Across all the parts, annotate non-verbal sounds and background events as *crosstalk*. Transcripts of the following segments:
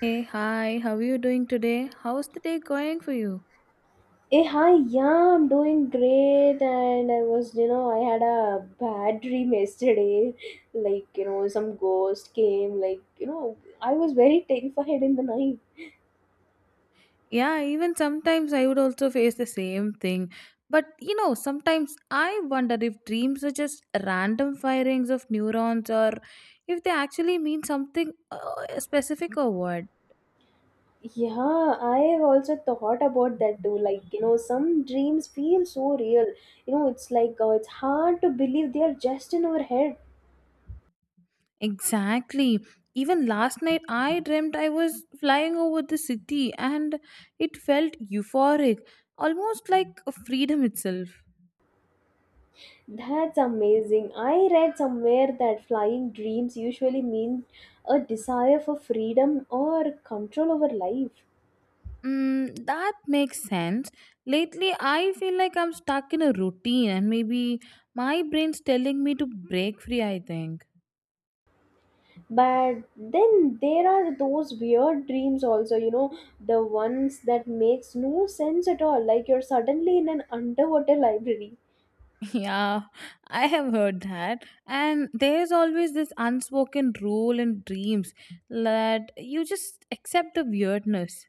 Hey, hi, how are you doing today? How's the day going for you? Hey, hi, yeah, I'm doing great, and I was, I had a bad dream yesterday. *laughs* Some ghost came, I was very terrified in the night. Yeah, even sometimes I would also face the same thing. But you know, sometimes I wonder if dreams are just random firings of neurons or if they actually mean something specific or what. Yeah, I have also thought about that too. Some dreams feel so real. It's like, it's hard to believe they are just in our head. Exactly. Even last night, I dreamt I was flying over the city and it felt euphoric, almost like freedom itself. That's amazing. I read somewhere that flying dreams usually mean a desire for freedom or control over life. Mm, that makes sense. Lately, I feel like I'm stuck in a routine, and maybe my brain's telling me to break free, I think. But then there are those weird dreams also, the ones that makes no sense at all, like you're suddenly in an underwater library. *laughs* Yeah, I have heard that. And there's always this unspoken rule in dreams that you just accept the weirdness.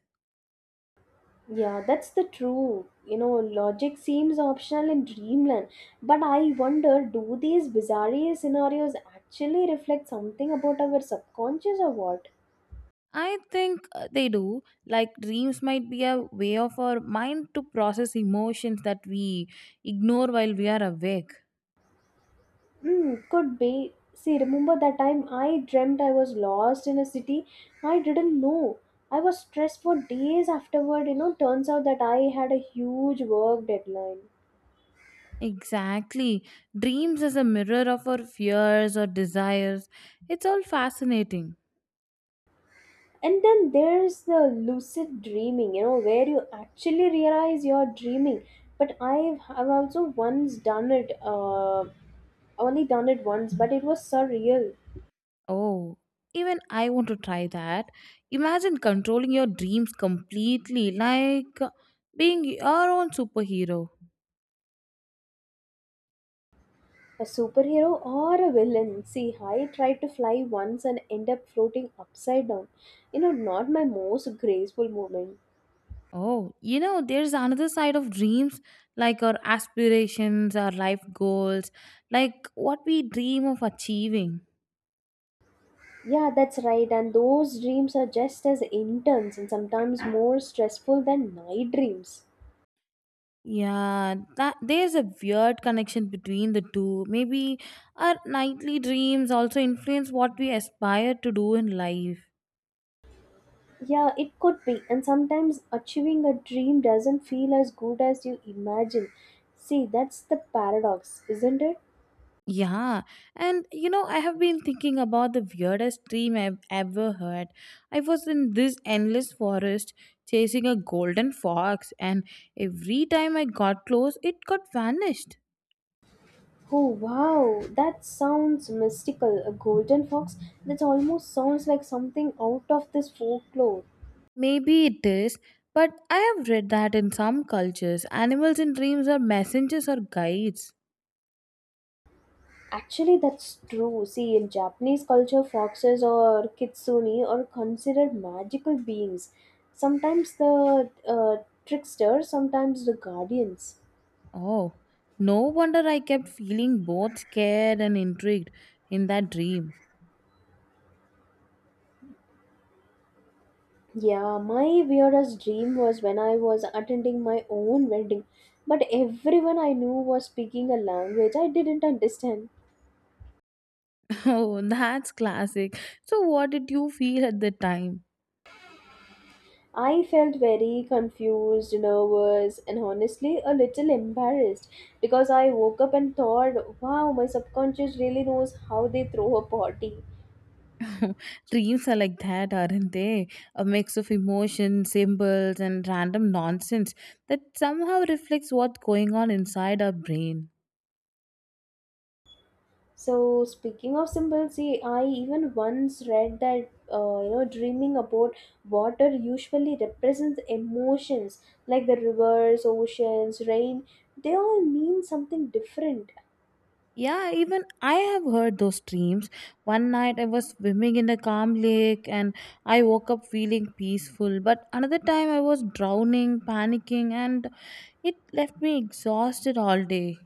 Yeah, that's the true. Logic seems optional in dreamland, but I wonder, do these bizarre scenarios actually reflect something about our subconscious or what? I think they do. Like, dreams might be a way of our mind to process emotions that we ignore while we are awake. Hmm, could be. See, remember that time I dreamt I was lost in a city I didn't know. I was stressed for days afterward. You know, turns out that I had a huge work deadline. Exactly. Dreams as a mirror of our fears or desires. It's all fascinating. And then there's the lucid dreaming, you know, where you actually realize you're dreaming. But I've also once done it, only done it once, but it was surreal. Oh, even I want to try that. Imagine controlling your dreams completely, like being your own superhero. A superhero or a villain? See, I tried to fly once and end up floating upside down. You know, not my most graceful moment. Oh, you know, there's another side of dreams, like our aspirations, our life goals, like what we dream of achieving. Yeah, that's right. And those dreams are just as intense and sometimes more stressful than night dreams. Yeah, that there's a weird connection between the two. Maybe our nightly dreams also influence what we aspire to do in life. Yeah, it could be. And sometimes achieving a dream doesn't feel as good as you imagine. See, that's the paradox, isn't it? Yeah, and you know, I have been thinking about the weirdest dream I've ever heard. I was in this endless forest chasing a golden fox, and every time I got close, it got vanished. Oh wow, that sounds mystical. A golden fox? That almost sounds like something out of this folklore. Maybe it is, but I have read that in some cultures, animals in dreams are messengers or guides. Actually, that's true. See, in Japanese culture, foxes or kitsune are considered magical beings. Sometimes the trickster, sometimes the guardians. Oh, no wonder I kept feeling both scared and intrigued in that dream. Yeah, my weirdest dream was when I was attending my own wedding, but everyone I knew was speaking a language I didn't understand. *laughs* Oh, that's classic. So, what did you feel at the time? I felt very confused, nervous, and honestly a little embarrassed because I woke up and thought, wow, my subconscious really knows how they throw a party. *laughs* Dreams are like that, aren't they? A mix of emotions, symbols, and random nonsense that somehow reflects what's going on inside our brain. So, speaking of symbols, see, I even once read that dreaming about water usually represents emotions, like the rivers, oceans, rain, they all mean something different. Yeah, even I have heard those dreams. One night I was swimming in a calm lake and I woke up feeling peaceful, but another time I was drowning, panicking, and it left me exhausted all day.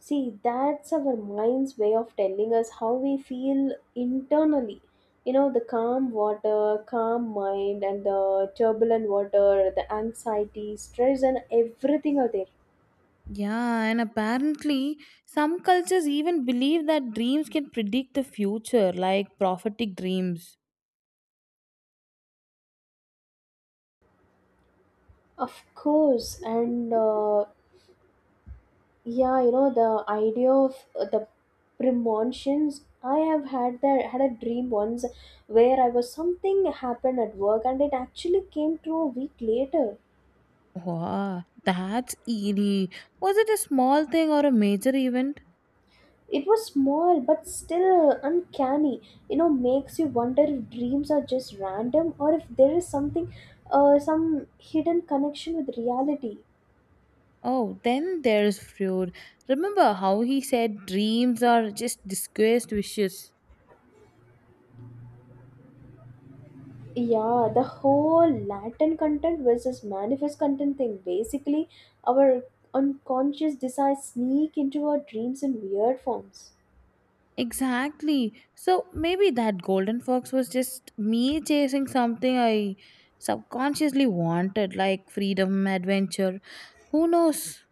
See, that's our mind's way of telling us how we feel internally. You know, the calm water, calm mind, and the turbulent water, the anxiety, stress, and everything are there. Yeah, and apparently, some cultures even believe that dreams can predict the future, like prophetic dreams. Of course, and yeah, you know, the idea of the premonitions. I have had that, had a dream once where I was, something happened at work and it actually came true a week later. Wow, that's eerie. Was it a small thing or a major event? It was small but still uncanny. You know, makes you wonder if dreams are just random or if there is something, some hidden connection with reality. Oh, then there's Freud. Remember how he said dreams are just disguised wishes? Yeah, the whole latent content versus manifest content thing. Basically, our unconscious desires sneak into our dreams in weird forms. Exactly. So maybe that golden fox was just me chasing something I subconsciously wanted, like freedom, adventure. Who knows?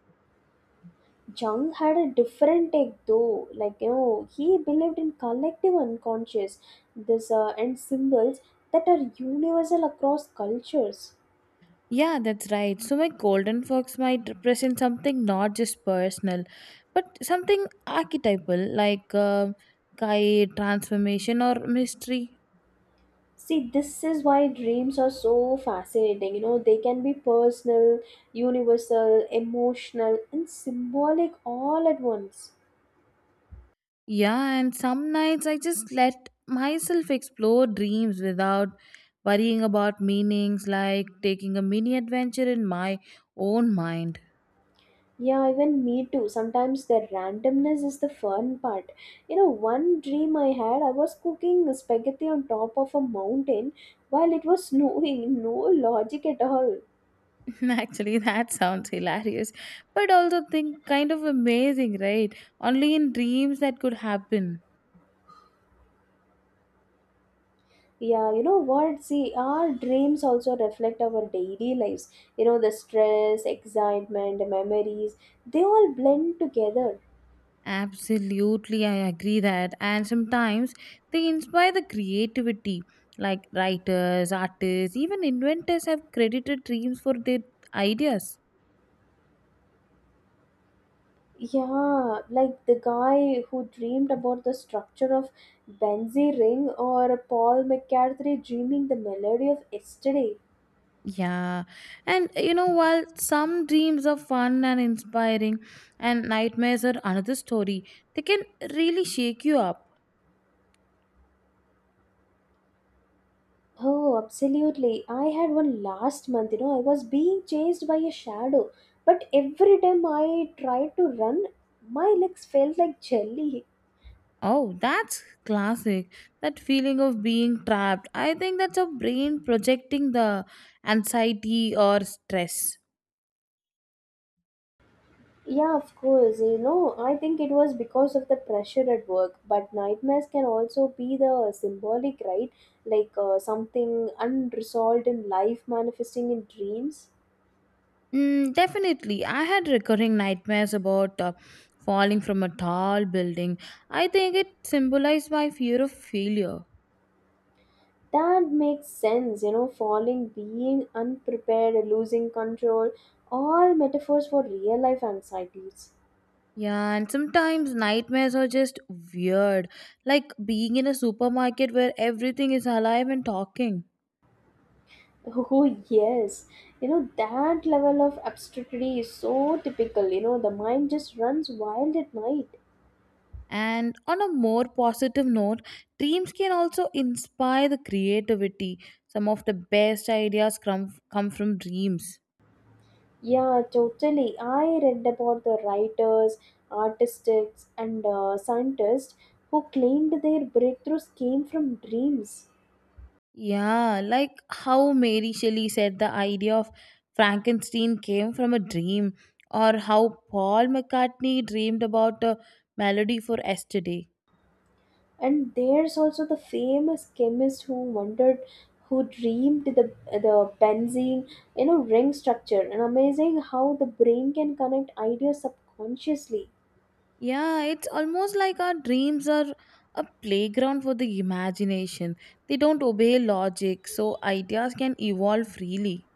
Jung had a different take though, like you know, he believed in collective unconscious, this and symbols that are universal across cultures. Yeah, that's right. So my golden fox might represent something not just personal, but something archetypal, like guide, transformation, or mystery. See, this is why dreams are so fascinating. You know, they can be personal, universal, emotional, and symbolic all at once. Yeah, and some nights I just let myself explore dreams without worrying about meanings, like taking a mini adventure in my own mind. Yeah, even me too. Sometimes the randomness is the fun part. You know, one dream I had, I was cooking spaghetti on top of a mountain while it was *laughs* snowing. No logic at all. *laughs* Actually, that sounds hilarious, but also think kind of amazing, right? Only in dreams that could happen. Yeah, you know what? See, our dreams also reflect our daily lives. You know, the stress, excitement, memories, they all blend together. Absolutely, I agree that. And sometimes they inspire the creativity. Like writers, artists, even inventors have credited dreams for their ideas. Yeah, like the guy who dreamed about the structure of Benzie Ring, or Paul McCartney dreaming the melody of yesterday. Yeah, and you know, while some dreams are fun and inspiring, and nightmares are another story, they can really shake you up. Oh, absolutely. I had one last month, you know, I was being chased by a shadow, but every time I tried to run, my legs felt like jelly. Oh, that's classic. That feeling of being trapped. I think that's your brain projecting the anxiety or stress. Yeah, of course. You know, I think it was because of the pressure at work. But nightmares can also be the symbolic, right? Like something unresolved in life manifesting in dreams. Mm, definitely. I had recurring nightmares about falling from a tall building. I think it symbolized my fear of failure. That makes sense. You know, falling, being unprepared, losing control, all metaphors for real life anxieties. *laughs* Yeah, and sometimes nightmares are just weird. Like being in a supermarket where everything is alive and talking. Oh, yes. You know, that level of absurdity is so typical. You know, the mind just runs wild at night. And on a more positive note, dreams can also inspire the creativity. Some of the best ideas come from dreams. Yeah, totally. I read about the writers, artists, and scientists who claimed their breakthroughs came from dreams. Yeah, like how Mary Shelley said the idea of Frankenstein came from a dream, or how Paul McCartney dreamed about a melody for yesterday. And there's also the famous chemist who wondered, who dreamed the benzene, you know, ring structure. And amazing how the brain can connect ideas subconsciously. Yeah, it's almost like our dreams are a playground for the imagination. They don't obey logic, so ideas can evolve freely.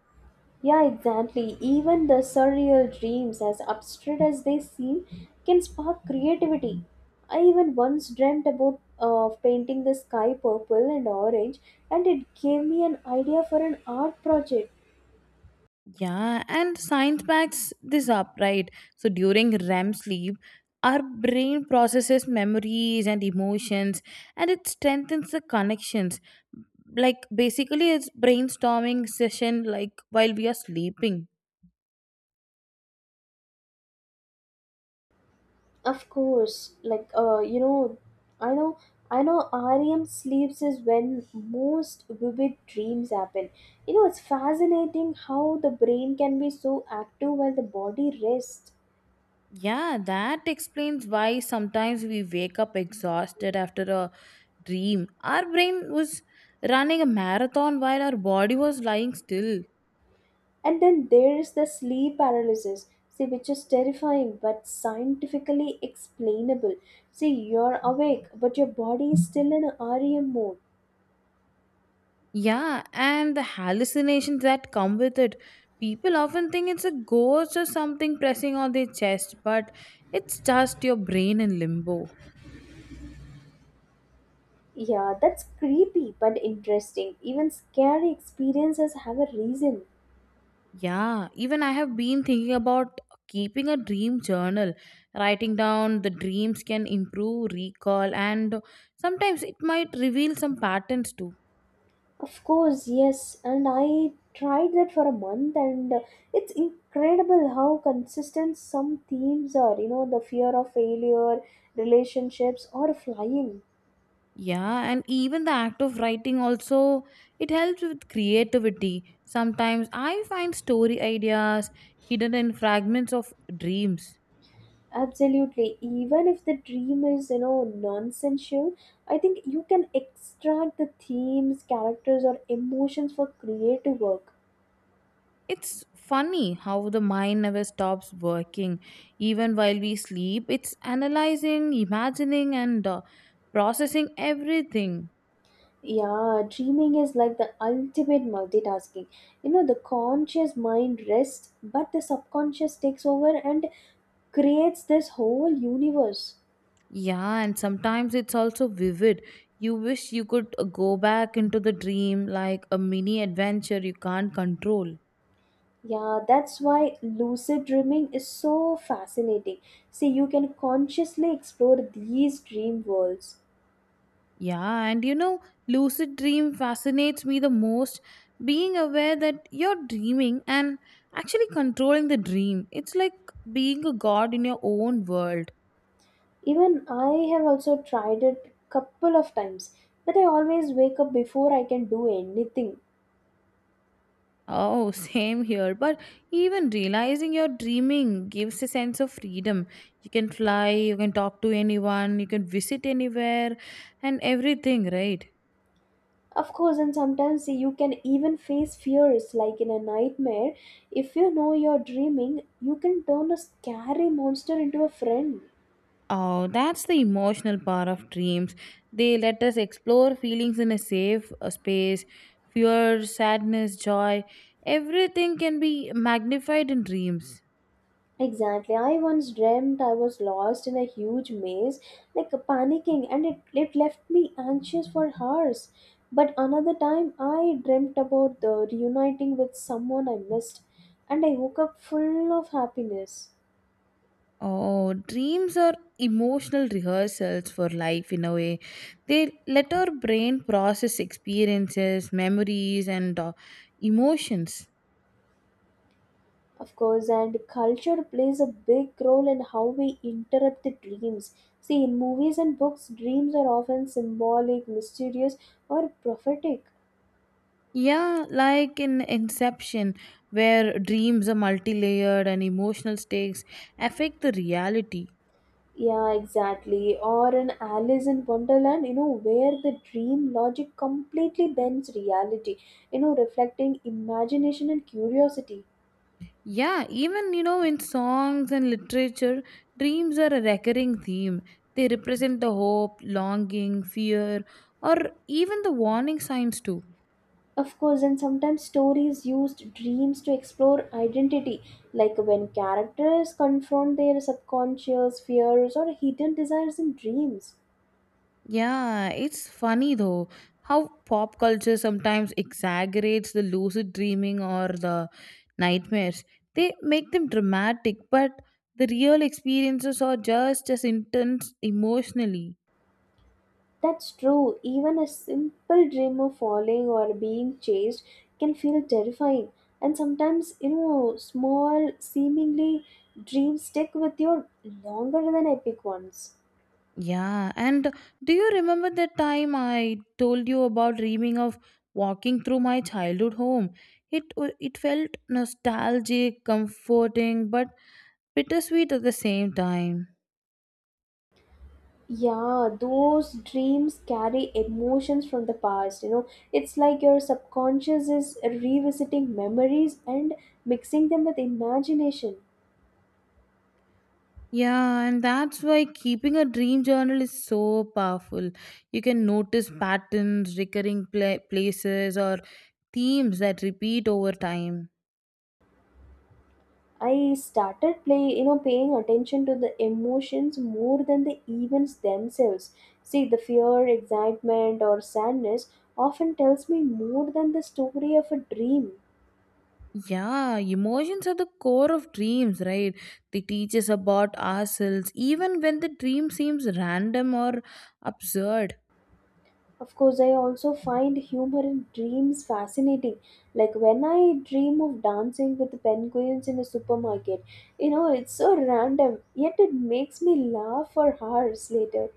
Yeah, exactly. Even the surreal dreams, as abstract as they seem, can spark creativity. I even once dreamt about painting the sky purple and orange, and it gave me an idea for an art project. Yeah, and science backs this up, right? So during REM sleep, our brain processes memories and emotions and it strengthens the connections. Like basically, it's brainstorming session like while we are sleeping. Of course, like I know, I know. REM sleeps is when most vivid dreams happen. You know, it's fascinating how the brain can be so active while the body rests. Yeah, that explains why sometimes we wake up exhausted after a dream. Our brain was running a marathon while our body was lying still. And then there is the sleep paralysis, see, which is terrifying but scientifically explainable. See, you're awake, but your body is still in REM mode. Yeah, and the hallucinations that come with it. People often think it's a ghost or something pressing on their chest, but it's just your brain in limbo. Yeah, that's creepy but interesting. Even scary experiences have a reason. Yeah, even I have been thinking about keeping a dream journal. Writing down the dreams can improve recall, and sometimes it might reveal some patterns too. Of course, yes, and I tried that for a month, and it's incredible how consistent some themes are. You know, the fear of failure, relationships, or flying. Yeah, and even the act of writing also it helps with creativity. Sometimes I find story ideas hidden in fragments of dreams. Absolutely. Even if the dream is, you know, nonsensical, I think you can extract the themes, characters, or emotions for creative work. It's funny how the mind never stops working. Even while we sleep, it's analyzing, imagining, and processing everything. Yeah, dreaming is like the ultimate multitasking. You know, the conscious mind rests, but the subconscious takes over and creates this whole universe. Yeah, and sometimes it's also vivid. You wish you could go back into the dream like a mini adventure you can't control. Yeah, that's why lucid dreaming is so fascinating. See, you can consciously explore these dream worlds. Yeah, and you know, lucid dream fascinates me the most. Being aware that you're dreaming and actually controlling the dream, it's like being a god in your own world. Even I have also tried it couple of times, but I always wake up before I can do anything. Oh, same here. But even realizing you're dreaming gives a sense of freedom. You can fly, you can talk to anyone, you can visit anywhere, and everything, right? Of course, and sometimes you can even face fears like in a nightmare. If you know you're dreaming, you can turn a scary monster into a friend. Oh, that's the emotional part of dreams. They let us explore feelings in a safe space. Fear, sadness, joy, everything can be magnified in dreams. Exactly. I once dreamt I was lost in a huge maze, like panicking, and it left me anxious for hours. But another time, I dreamt about the reuniting with someone I missed, and I woke up full of happiness. Oh, dreams are emotional rehearsals for life in a way. They let our brain process experiences, memories, and emotions. Of course, and culture plays a big role in how we interrupt the dreams. See, in movies and books, dreams are often symbolic, mysterious, or prophetic. Yeah, like in Inception, where dreams are multi layered and emotional stakes affect the reality. Yeah, exactly. Or an Alice in Wonderland, you know, where the dream logic completely bends reality, you know, reflecting imagination and curiosity. Yeah, even you know, in songs and literature, dreams are a recurring theme. They represent the hope, longing, fear, or even the warning signs too. Of course, and sometimes stories used dreams to explore identity, like when characters confront their subconscious fears or hidden desires in dreams. Yeah, it's funny though how pop culture sometimes exaggerates the lucid dreaming or the nightmares. They make them dramatic, but the real experiences are just as intense emotionally. That's true. Even a simple dream of falling or being chased can feel terrifying. And sometimes, you know, small, seemingly dreams stick with you longer than epic ones. Yeah, and do you remember that time I told you about dreaming of walking through my childhood home? It felt nostalgic, comforting, but bittersweet at the same time. Yeah, those dreams carry emotions from the past. You know, it's like your subconscious is revisiting memories and mixing them with imagination. Yeah, and that's why keeping a dream journal is so powerful. You can notice patterns, recurring places, or themes that repeat over time. I started play, you know, paying attention to the emotions more than the events themselves. See, the fear, excitement, or sadness often tells me more than the story of a dream. Yeah, emotions are the core of dreams, right? They teach us about ourselves, even when the dream seems random or absurd. Of course, I also find humor in dreams fascinating. Like when I dream of dancing with penguins in a supermarket, you know, it's so random, yet it makes me laugh for hours later.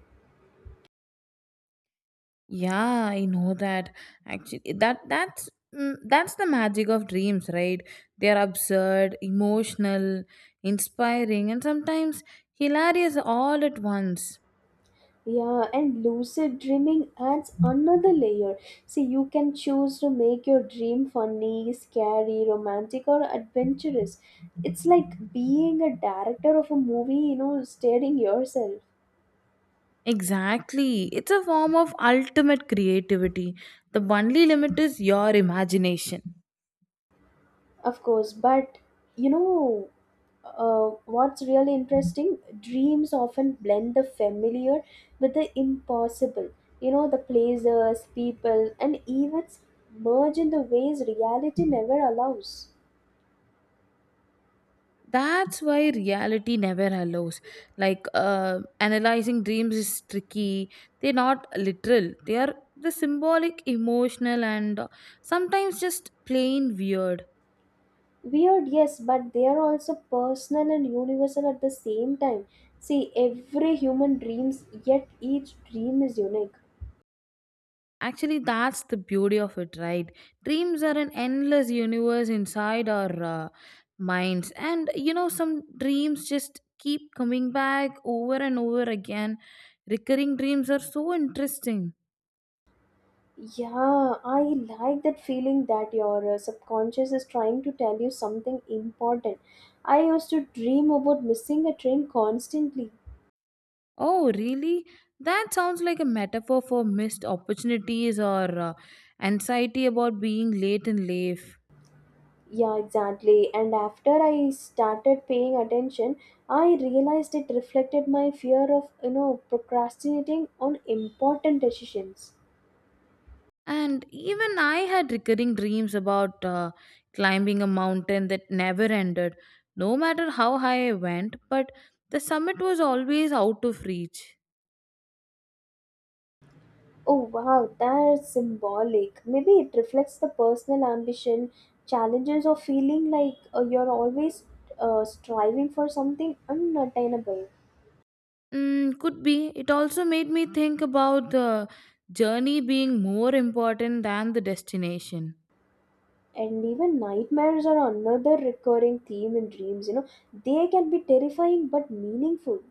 Yeah, I know that. Actually, that's the magic of dreams, right? They are absurd, emotional, inspiring, and sometimes hilarious all at once. Yeah, and lucid dreaming adds another layer. See, you can choose to make your dream funny, scary, romantic, or adventurous. It's like being a director of a movie, you know, staring yourself. Exactly. It's a form of ultimate creativity. The only limit is your imagination. Of course, but you know, what's really interesting? Dreams often blend the familiar with the impossible. You know, the places, people, and events merge in the ways reality never allows. That's why reality never allows like analyzing dreams is tricky. They're not literal, they are the symbolic, emotional, and sometimes just plain weird. Weird, yes, but they are also personal and universal at the same time. See, every human dreams, yet each dream is unique. Actually, that's the beauty of it, right? Dreams are an endless universe inside our minds, and you know, some dreams just keep coming back over and over again. Recurring dreams are so interesting. Yeah, I like that feeling that your subconscious is trying to tell you something important. I used to dream about missing a train constantly. Oh, really? That sounds like a metaphor for missed opportunities or anxiety about being late in life. Yeah, exactly. And after I started paying attention, I realized it reflected my fear of, you know, procrastinating on important decisions. And even I had recurring dreams about climbing a mountain that never ended, no matter how high I went, but the summit was always out of reach. Oh wow, that's symbolic. Maybe it reflects the personal ambition, challenges, or feeling like you're always striving for something unattainable. Mm, could be. It also made me think about the journey being more important than the destination. And even nightmares are another recurring theme in dreams. You know, they can be terrifying but meaningful.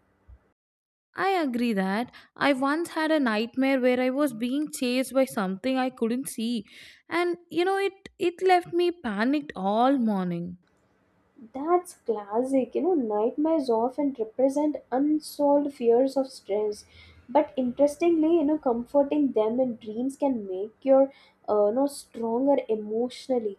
I agree that. I once had a nightmare where I was being chased by something I couldn't see. And you know, it left me panicked all morning. That's classic. You know, nightmares often represent unsolved fears of stress. But interestingly, you know, comforting them in dreams can make your stronger emotionally.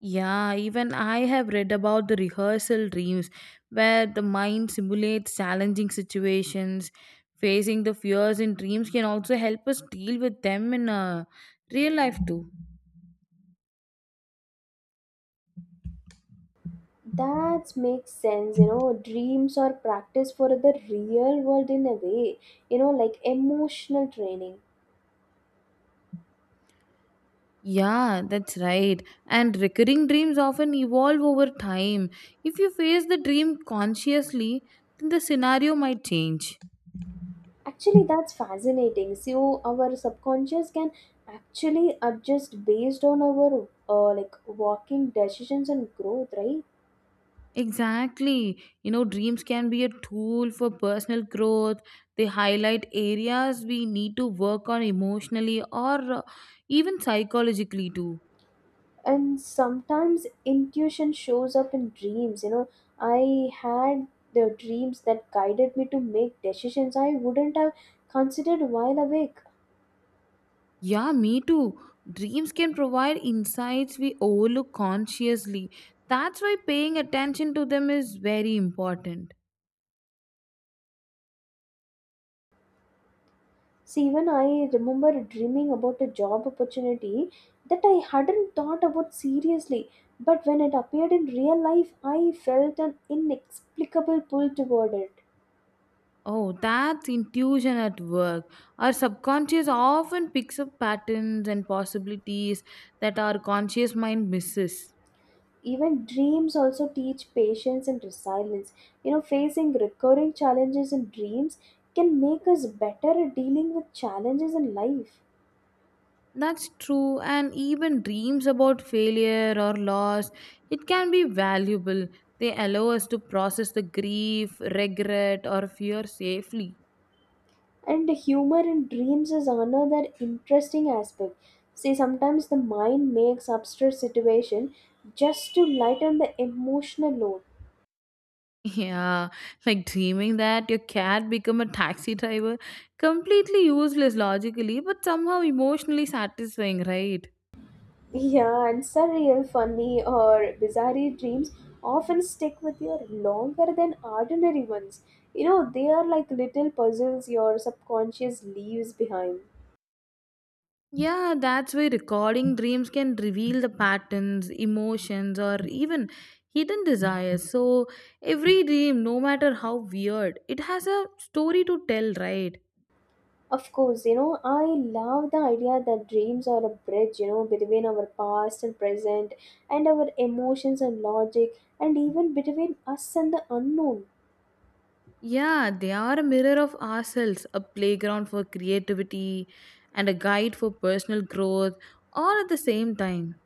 Yeah, even I have read about the rehearsal dreams where the mind simulates challenging situations. Facing the fears in dreams can also help us deal with them in real life too. That makes sense, you know. Dreams are practice for the real world in a way, you know, like emotional training. Yeah, that's right. And recurring dreams often evolve over time. If you face the dream consciously, then the scenario might change. Actually, that's fascinating. So, our subconscious can actually adjust based on our like walking decisions and growth, right? Exactly. You know, dreams can be a tool for personal growth. They highlight areas we need to work on emotionally or even psychologically, too. And sometimes intuition shows up in dreams. You know, I had the dreams that guided me to make decisions I wouldn't have considered while awake. Yeah, me too. Dreams can provide insights we overlook consciously. That's why paying attention to them is very important. See, even I remember dreaming about a job opportunity that I hadn't thought about seriously, but when it appeared in real life, I felt an inexplicable pull toward it. Oh, that's intuition at work. Our subconscious often picks up patterns and possibilities that our conscious mind misses. Even dreams also teach patience and resilience. You know, facing recurring challenges in dreams can make us better at dealing with challenges in life. That's true, and even dreams about failure or loss, it can be valuable. They allow us to process the grief, regret, or fear safely. *laughs* And humor in dreams is another interesting aspect. See, sometimes the mind makes absurd situation just to lighten the emotional load. Yeah, like dreaming that your cat become a taxi driver, completely useless logically, but somehow emotionally satisfying, right? *laughs* Yeah, and surreal funny or bizarre dreams often stick with you longer than ordinary ones. You know, they are like little puzzles your subconscious leaves behind. Yeah, that's why recording dreams can reveal the patterns, emotions, or even hidden desires. So, every dream, no matter how weird, it has a story to tell, right? Of course, you know, I love the idea that dreams are a bridge, you know, between our past and present, and our emotions and logic, and even between us and the unknown. Yeah, they are a mirror of ourselves, a playground for creativity, and a guide for personal growth, all at the same time.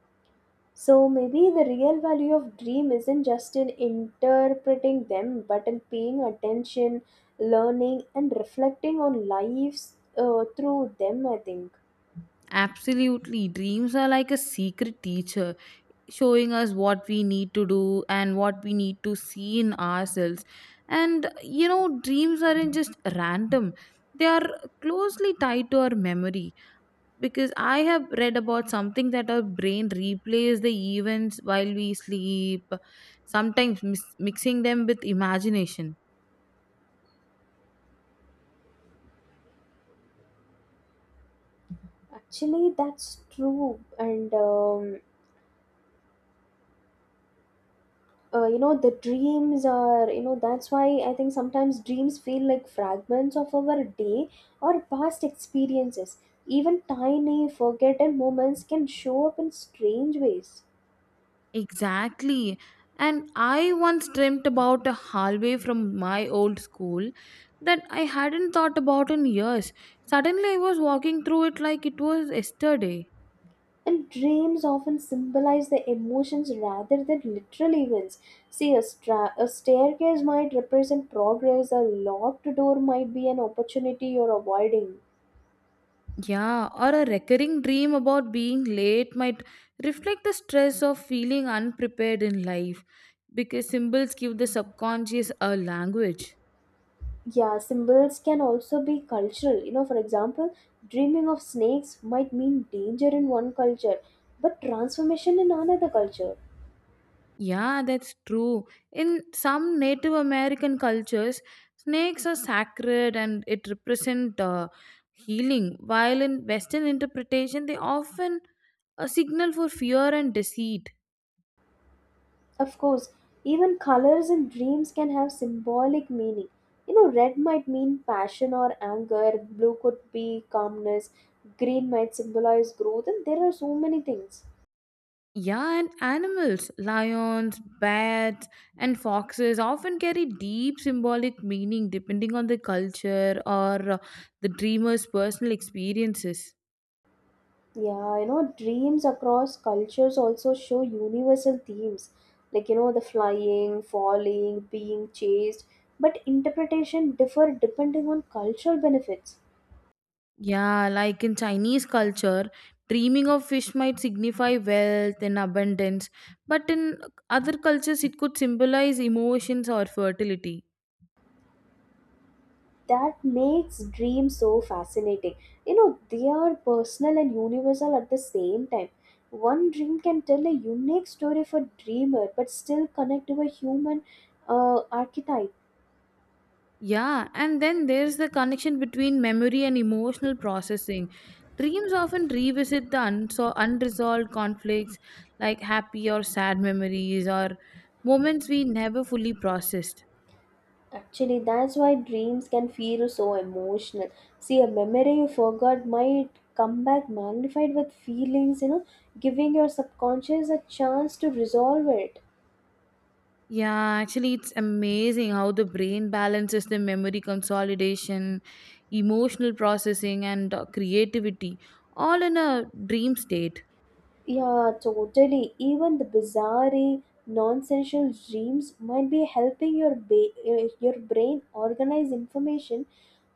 So maybe the real value of dream isn't just in interpreting them, but in paying attention, learning, and reflecting on lives through them, I think. Absolutely, dreams are like a secret teacher showing us what we need to do and what we need to see in ourselves. And you know, dreams aren't just random, they are closely tied to our memory. Because I have read about something that our brain replays the events while we sleep, sometimes mixing them with imagination. Actually, that's true, and you know, that's why I think sometimes dreams feel like fragments of our day or past experiences. Even tiny forgotten moments can show up in strange ways. Exactly. And I once dreamt about a hallway from my old school that I hadn't thought about in years. Suddenly, I was walking through it like it was yesterday. And dreams often symbolize the emotions rather than literal events. See, a staircase might represent progress, a locked door might be an opportunity you're avoiding. Yeah, or a recurring dream about being late might reflect the stress of feeling unprepared in life because symbols give the subconscious a language. Yeah, symbols can also be cultural. You know, for example, dreaming of snakes might mean danger in one culture, but transformation in another culture. Yeah, that's true. In some Native American cultures, snakes are sacred and it represent healing, while in Western interpretation, they often a signal for fear and deceit. Of course, even colors in dreams can have symbolic meaning. You know, red might mean passion or anger, blue could be calmness, green might symbolize growth, and there are so many things. Yeah, and animals, lions, bats, and foxes often carry deep symbolic meaning depending on the culture or the dreamer's personal experiences. Yeah, you know, dreams across cultures also show universal themes like, you know, the flying, falling, being chased, but interpretation differ depending on cultural benefits. Yeah, like in Chinese culture, dreaming of fish might signify wealth and abundance, but in other cultures, it could symbolize emotions or fertility. That makes dreams so fascinating. You know, they are personal and universal at the same time. One dream can tell a unique story for dreamer, but still connect to a human archetype. Yeah, and then there's the connection between memory and emotional processing. Dreams often revisit the unresolved conflicts like happy or sad memories or moments we never fully processed. Actually, that's why dreams can feel so emotional. See, a memory you forgot might come back magnified with feelings, you know, giving your subconscious a chance to resolve it. Yeah, actually, it's amazing how the brain balances the memory consolidation, emotional processing, and creativity all in a dream state. Yeah, totally. Even the bizarre, non-sensual dreams might be helping your your brain organize information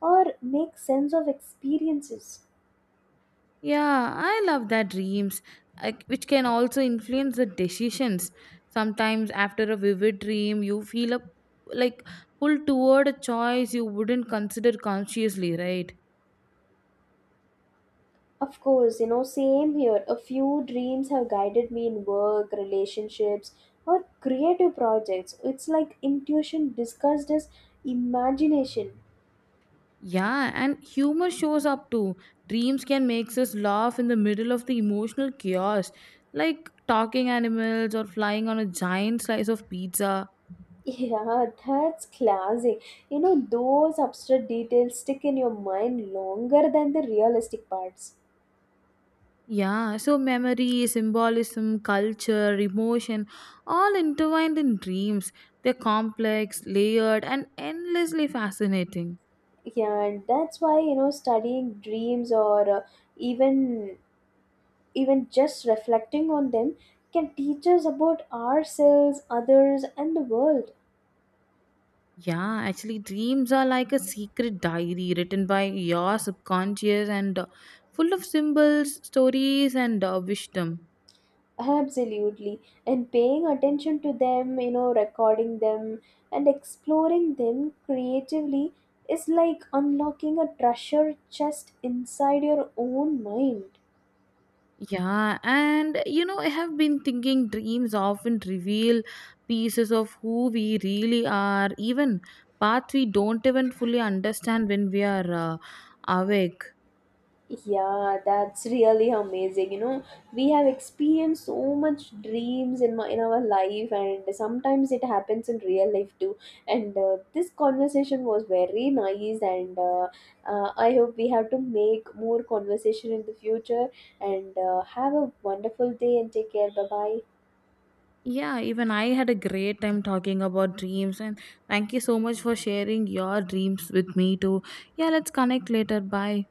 or make sense of experiences. Yeah, I love that dreams, like, which can also influence the decisions. Sometimes, after a vivid dream, you feel a like pulled toward a choice you wouldn't consider consciously, right? Of course, you know, same here. A few dreams have guided me in work, relationships, or creative projects. It's like intuition discussed as imagination. *laughs* Yeah, and humor shows up too. Dreams can make us laugh in the middle of the emotional chaos, like talking animals or flying on a giant slice of pizza. Yeah, that's classic. You know, those abstract details stick in your mind longer than the realistic parts. Yeah, so memory, symbolism, culture, emotion, all intertwined in dreams. They're complex, layered, and endlessly fascinating. Yeah, and that's why, you know, studying dreams or even even just reflecting on them can teach us about ourselves, others, and the world. Yeah, actually, dreams are like a secret diary written by your subconscious and full of symbols, stories, and wisdom. Absolutely. And paying attention to them, you know, recording them and exploring them creatively is like unlocking a treasure chest inside your own mind. Yeah, and you know, I have been thinking dreams often reveal pieces of who we really are, even paths we don't even fully understand when we are awake. Yeah, that's really amazing. You know, we have experienced so much dreams in my in our life, and sometimes it happens in real life too. And this conversation was very nice, and I hope we have to make more conversation in the future. And have a wonderful day, and take care. Bye bye. Yeah, even I had a great time talking about dreams, and thank you so much for sharing your dreams with me too. Yeah, let's connect later. Bye.